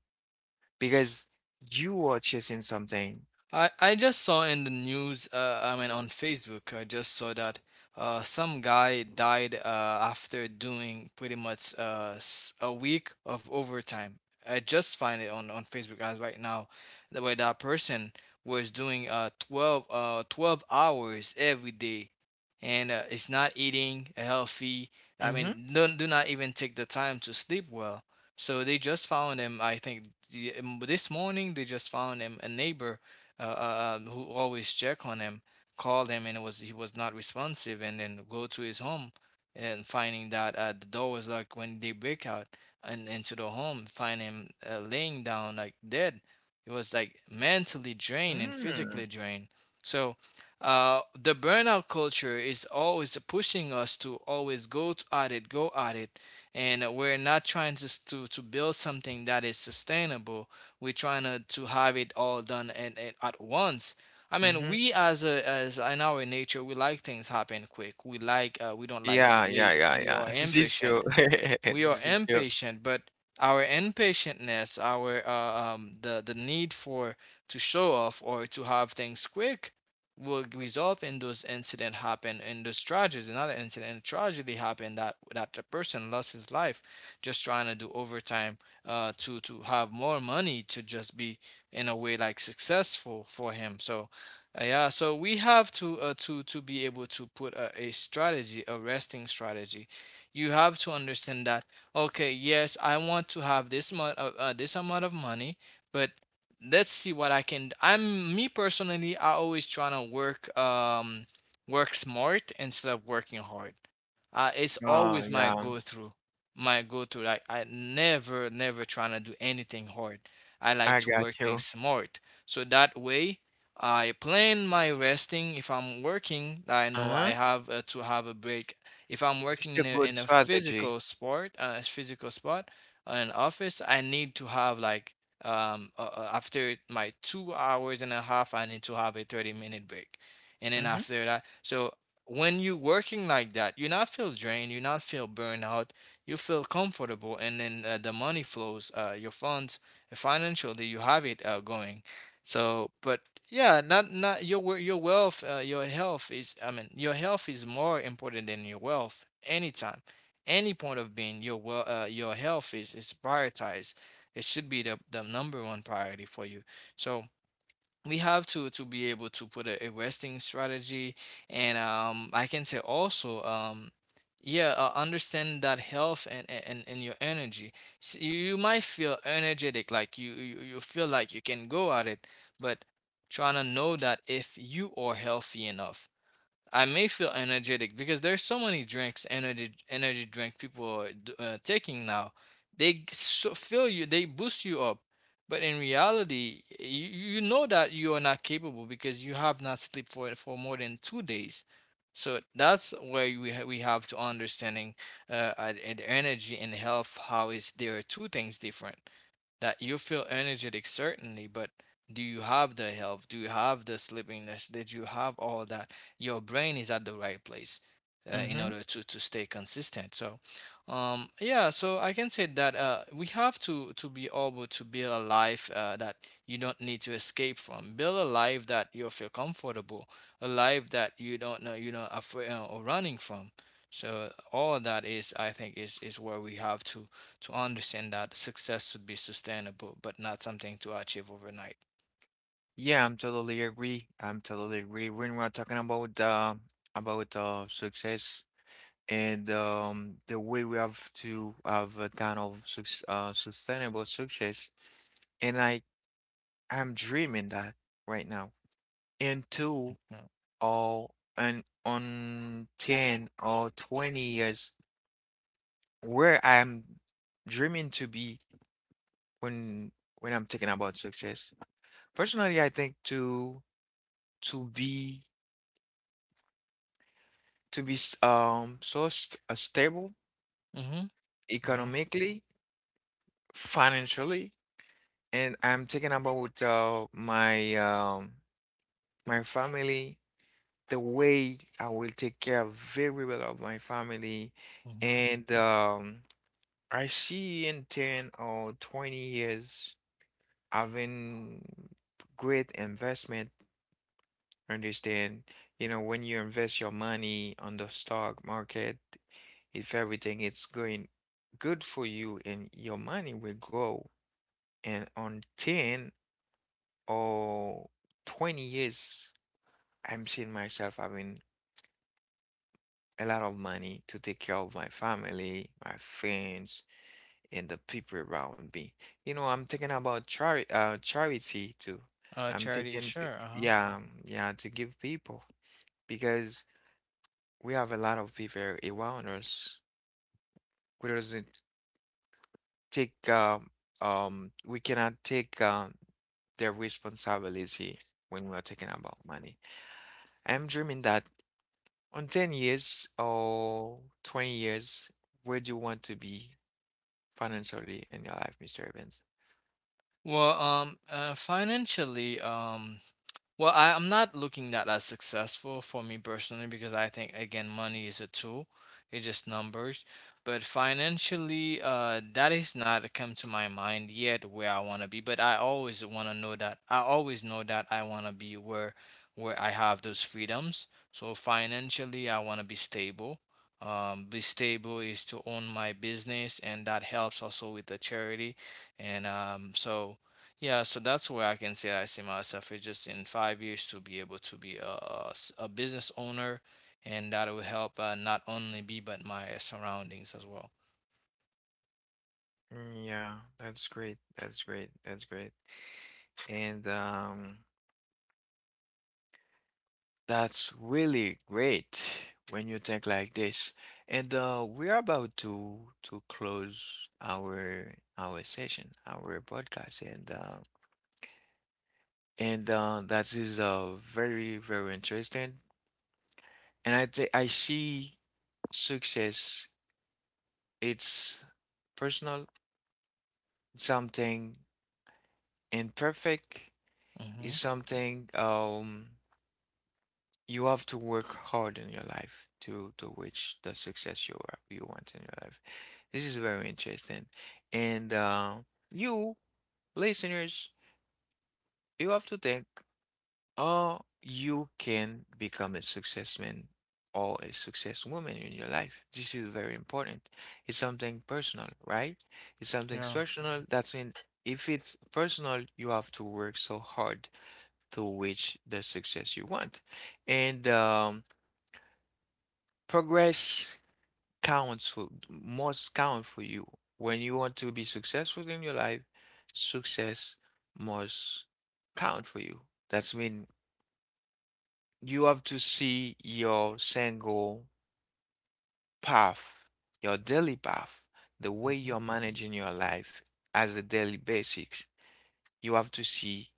Speaker 1: because you are chasing something.
Speaker 2: I just saw in the news. I mean, on Facebook, I just saw that some guy died after doing pretty much a week of overtime. I just find it on Facebook as right now, the way that person was doing 12 hours every day and it's not eating healthy. I
Speaker 1: Mm-hmm.
Speaker 2: mean, don't do not even take the time to sleep well. So they just found him, I think, this morning. They just found him, a neighbor, who always check on him, called him and it was he was not responsive, and then go to his home and finding that the door was locked. When they break out and into the home, find him laying down like dead. He was like mentally drained and
Speaker 1: Mm.
Speaker 2: physically drained. So the burnout culture is always pushing us to always at it, go at it, and we're not trying to build something that is sustainable. We're trying to have it all done and at once. I mean,
Speaker 1: Mm-hmm.
Speaker 2: we as in our nature, we like things happen quick. We don't like
Speaker 1: Yeah,
Speaker 2: to
Speaker 1: yeah,
Speaker 2: wait.
Speaker 1: yeah,
Speaker 2: We
Speaker 1: yeah. [laughs]
Speaker 2: are
Speaker 1: This is true.
Speaker 2: impatient.
Speaker 1: [laughs] This is true.
Speaker 2: But our impatientness, our the need for to show off or to have things quick, will result in those incident happen in those tragedies. Another incident tragedy happened that the person lost his life just trying to do overtime, to have more money to just be in a way like successful for him. So. Yeah, so we have to be able to put a strategy, a resting strategy. You have to understand that, okay, yes, I want to have this amount of, money, but let's see what I can, I'm me personally, I always trying to work work smart instead of working hard. It's
Speaker 1: Oh,
Speaker 2: always my
Speaker 1: yeah.
Speaker 2: go through my go to, like I never never trying to do anything hard. I like
Speaker 1: I
Speaker 2: to
Speaker 1: got
Speaker 2: work things
Speaker 1: you.
Speaker 2: smart, so that way I plan my resting. If I'm working, I know I
Speaker 1: Uh-huh.
Speaker 2: have to have a break. If I'm
Speaker 1: This is
Speaker 2: working
Speaker 1: a
Speaker 2: in
Speaker 1: good
Speaker 2: in a
Speaker 1: strategy.
Speaker 2: physical spot, an office, I need to have like after my 2 hours and a half I need to have a 30-minute break. And then
Speaker 1: Mm-hmm.
Speaker 2: after that, so when you're working like that, you not feel drained, you not feel burned out, you feel comfortable, and then the money flows, your funds, financially, you have it going. So, but yeah, not not your wealth, your health is. I mean, your health is more important than your wealth. Anytime, any point of being, your health is prioritized. It should be the number one priority for you. So we have to be able to put a resting strategy, and I can say also, yeah understand that health and your energy. S You might feel energetic, like you feel like you can go at it, but trying to know that if you are healthy enough. I may feel energetic because there's so many drinks, energy drink people are taking now. They so fill you, they boost you up, but in reality, you know that you are not capable because you have not slept for more than 2 days. So that's where we have to understanding, the energy and health. How is there are two things different? That you feel energetic certainly, but do you have the health, do you have the sleepiness, did you have all that, your brain is at the right place, in
Speaker 1: Mm-hmm.
Speaker 2: order to stay consistent. So I can say that, we have to be able to build a life, that you don't need to escape from, build a life that you feel comfortable, a life that you don't know, afraid, or running from. So all that is, I think, is where we have to understand that success should be sustainable, but not something to achieve overnight.
Speaker 1: Yeah, I'm totally agree. I'm totally agree. When we're talking about uh success and the way we have to have a kind of suc sustainable success. And I'm dreaming that right now. In two
Speaker 2: Yeah.
Speaker 1: or and on 10 or 20 years where I'm dreaming to be, when when I'm thinking about success. Personally, I think to be to be s- so st stable
Speaker 2: Mm-hmm. Yeah.
Speaker 1: economically, financially, and I'm thinking about my family, the way I will take care very well of my family.
Speaker 2: Mm-hmm.
Speaker 1: And I see in 10 or 20 years having great investment. Understand, you know, when you invest your money on the stock market, if everything is going good for you and your money will grow. And on 10 or 20 years, I'm seeing myself having a lot of money to take care of my family, my friends, and the people around me. You know, I'm thinking about charity too. I'm
Speaker 2: Charity,
Speaker 1: thinking, to,
Speaker 2: sure. Uh-huh.
Speaker 1: yeah, yeah, to give people because we have a lot of people around us. We doesn't take we cannot take their responsibility when we are talking about money. I'm dreaming that on 10 years or 20 years, where do you want to be financially in your life, Mr. Evans?
Speaker 2: Well, financially, well, I'm not looking that as successful for me personally because I think again money is a tool. It's just numbers. But financially, that is not come to my mind yet where I want to be. But I always want to know that I always know that I want to be where I have those freedoms. So financially, I want to be stable. Be stable is to own my business, and that helps also with the charity. And so. Yeah, so that's where I can say I see myself. It's just in 5 years to be able to be a business owner, and that will help not only me but my surroundings as well.
Speaker 1: Mm, yeah, that's great. That's great. That's great. And that's really great when you think like this. And we're about to close our session, our podcast, and that is very very interesting. And I think I see success. It's personal, something imperfect,
Speaker 2: Mm-hmm.
Speaker 1: is something you have to work hard in your life to reach the success you want in your life. This is very interesting. And you listeners, you have to think, you can become a successman or a success woman in your life. This is very important. It's something personal, right? It's something
Speaker 2: Yeah.
Speaker 1: personal. That's in if it's personal, you have to work so hard to reach the success you want. And progress counts for must count for you. When you want to be successful in your life, success must count for you. That's mean you have to see your single path, your daily path, the way
Speaker 2: Hmm.
Speaker 1: you're managing your life as a daily basics. You have to see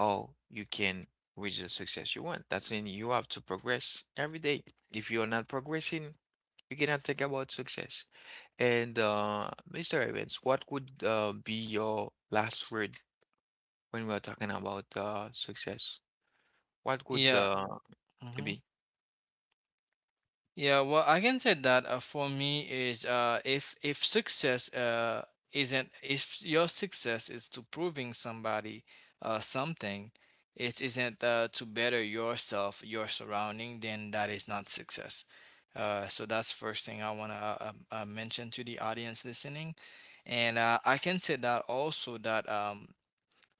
Speaker 1: or you can reach the success you want. That's mean you have to progress every day. If you're not progressing, you cannot think about success. And Mr. Evans, what would be your last word when we are talking about success? What could
Speaker 2: Yeah.
Speaker 1: it
Speaker 2: Hmm.
Speaker 1: be?
Speaker 2: Yeah, well, I can say that for me is, if success isn't, if your success is to proving somebody something, it isn't to better yourself, your surrounding, then that is not success. So that's first thing I wanna mention to the audience listening, and I can say that also that,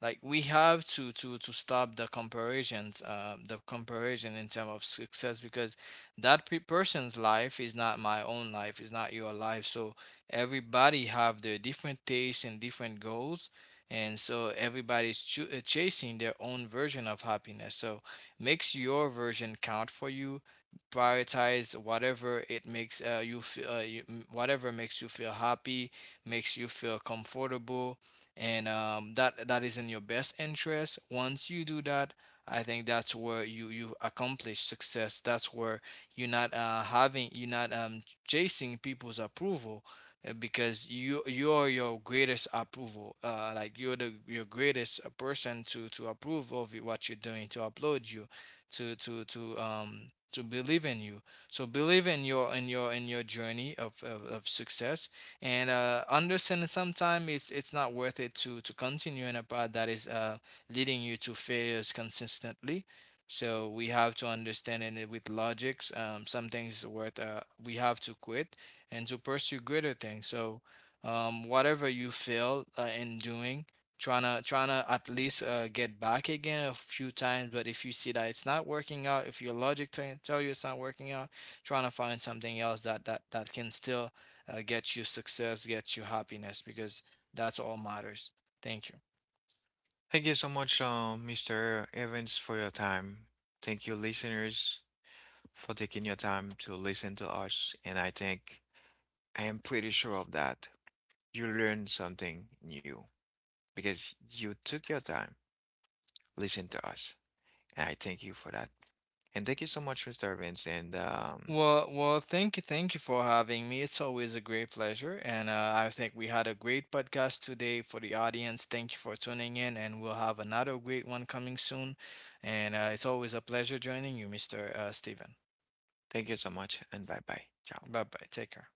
Speaker 2: like, we have to stop the comparison in terms of success, because that person's life is not my own life, is not your life. So everybody have their different tastes and different goals, and so everybody's chasing their own version of happiness. So makes your version count for you, prioritize whatever it makes, you feel, whatever makes you feel happy, makes you feel comfortable, and that is in your best interest. Once you do that, I think that's where you accomplish success. That's where you're not having you're not, chasing people's approval, because you're your greatest approval. Like, you're the your greatest, person to approve of what you're doing, to upload you, to believe in you. So believe in your journey of success, and understanding sometimes it's not worth it to continue in a path that is, leading you to failures consistently. So we have to understand it, with logics. Some things worth, we have to quit and to pursue greater things. So, whatever you fail in doing, trying to at least get back again a few times. But if you see that it's not working out, if your logic tell you it's not working out, trying to find something else that can still, gets you success, gets you happiness, because that's all matters. Thank you.
Speaker 1: Thank you so much, Mr. Evans, for your time. Thank you, listeners, for taking your time to listen to us. And I think I am pretty sure of that. You learned something new, because you took your time, listened to us, and I thank you for that. And thank you so much, Mr. Vince, and
Speaker 2: Well, thank you for having me. It's always a great pleasure, and I think we had a great podcast today for the audience. Thank you for tuning in, and we'll have another great one coming soon. And it's always a pleasure joining you, Mr. Steven.
Speaker 1: thank you so much, and bye bye. Ciao.
Speaker 2: Bye bye. Take care.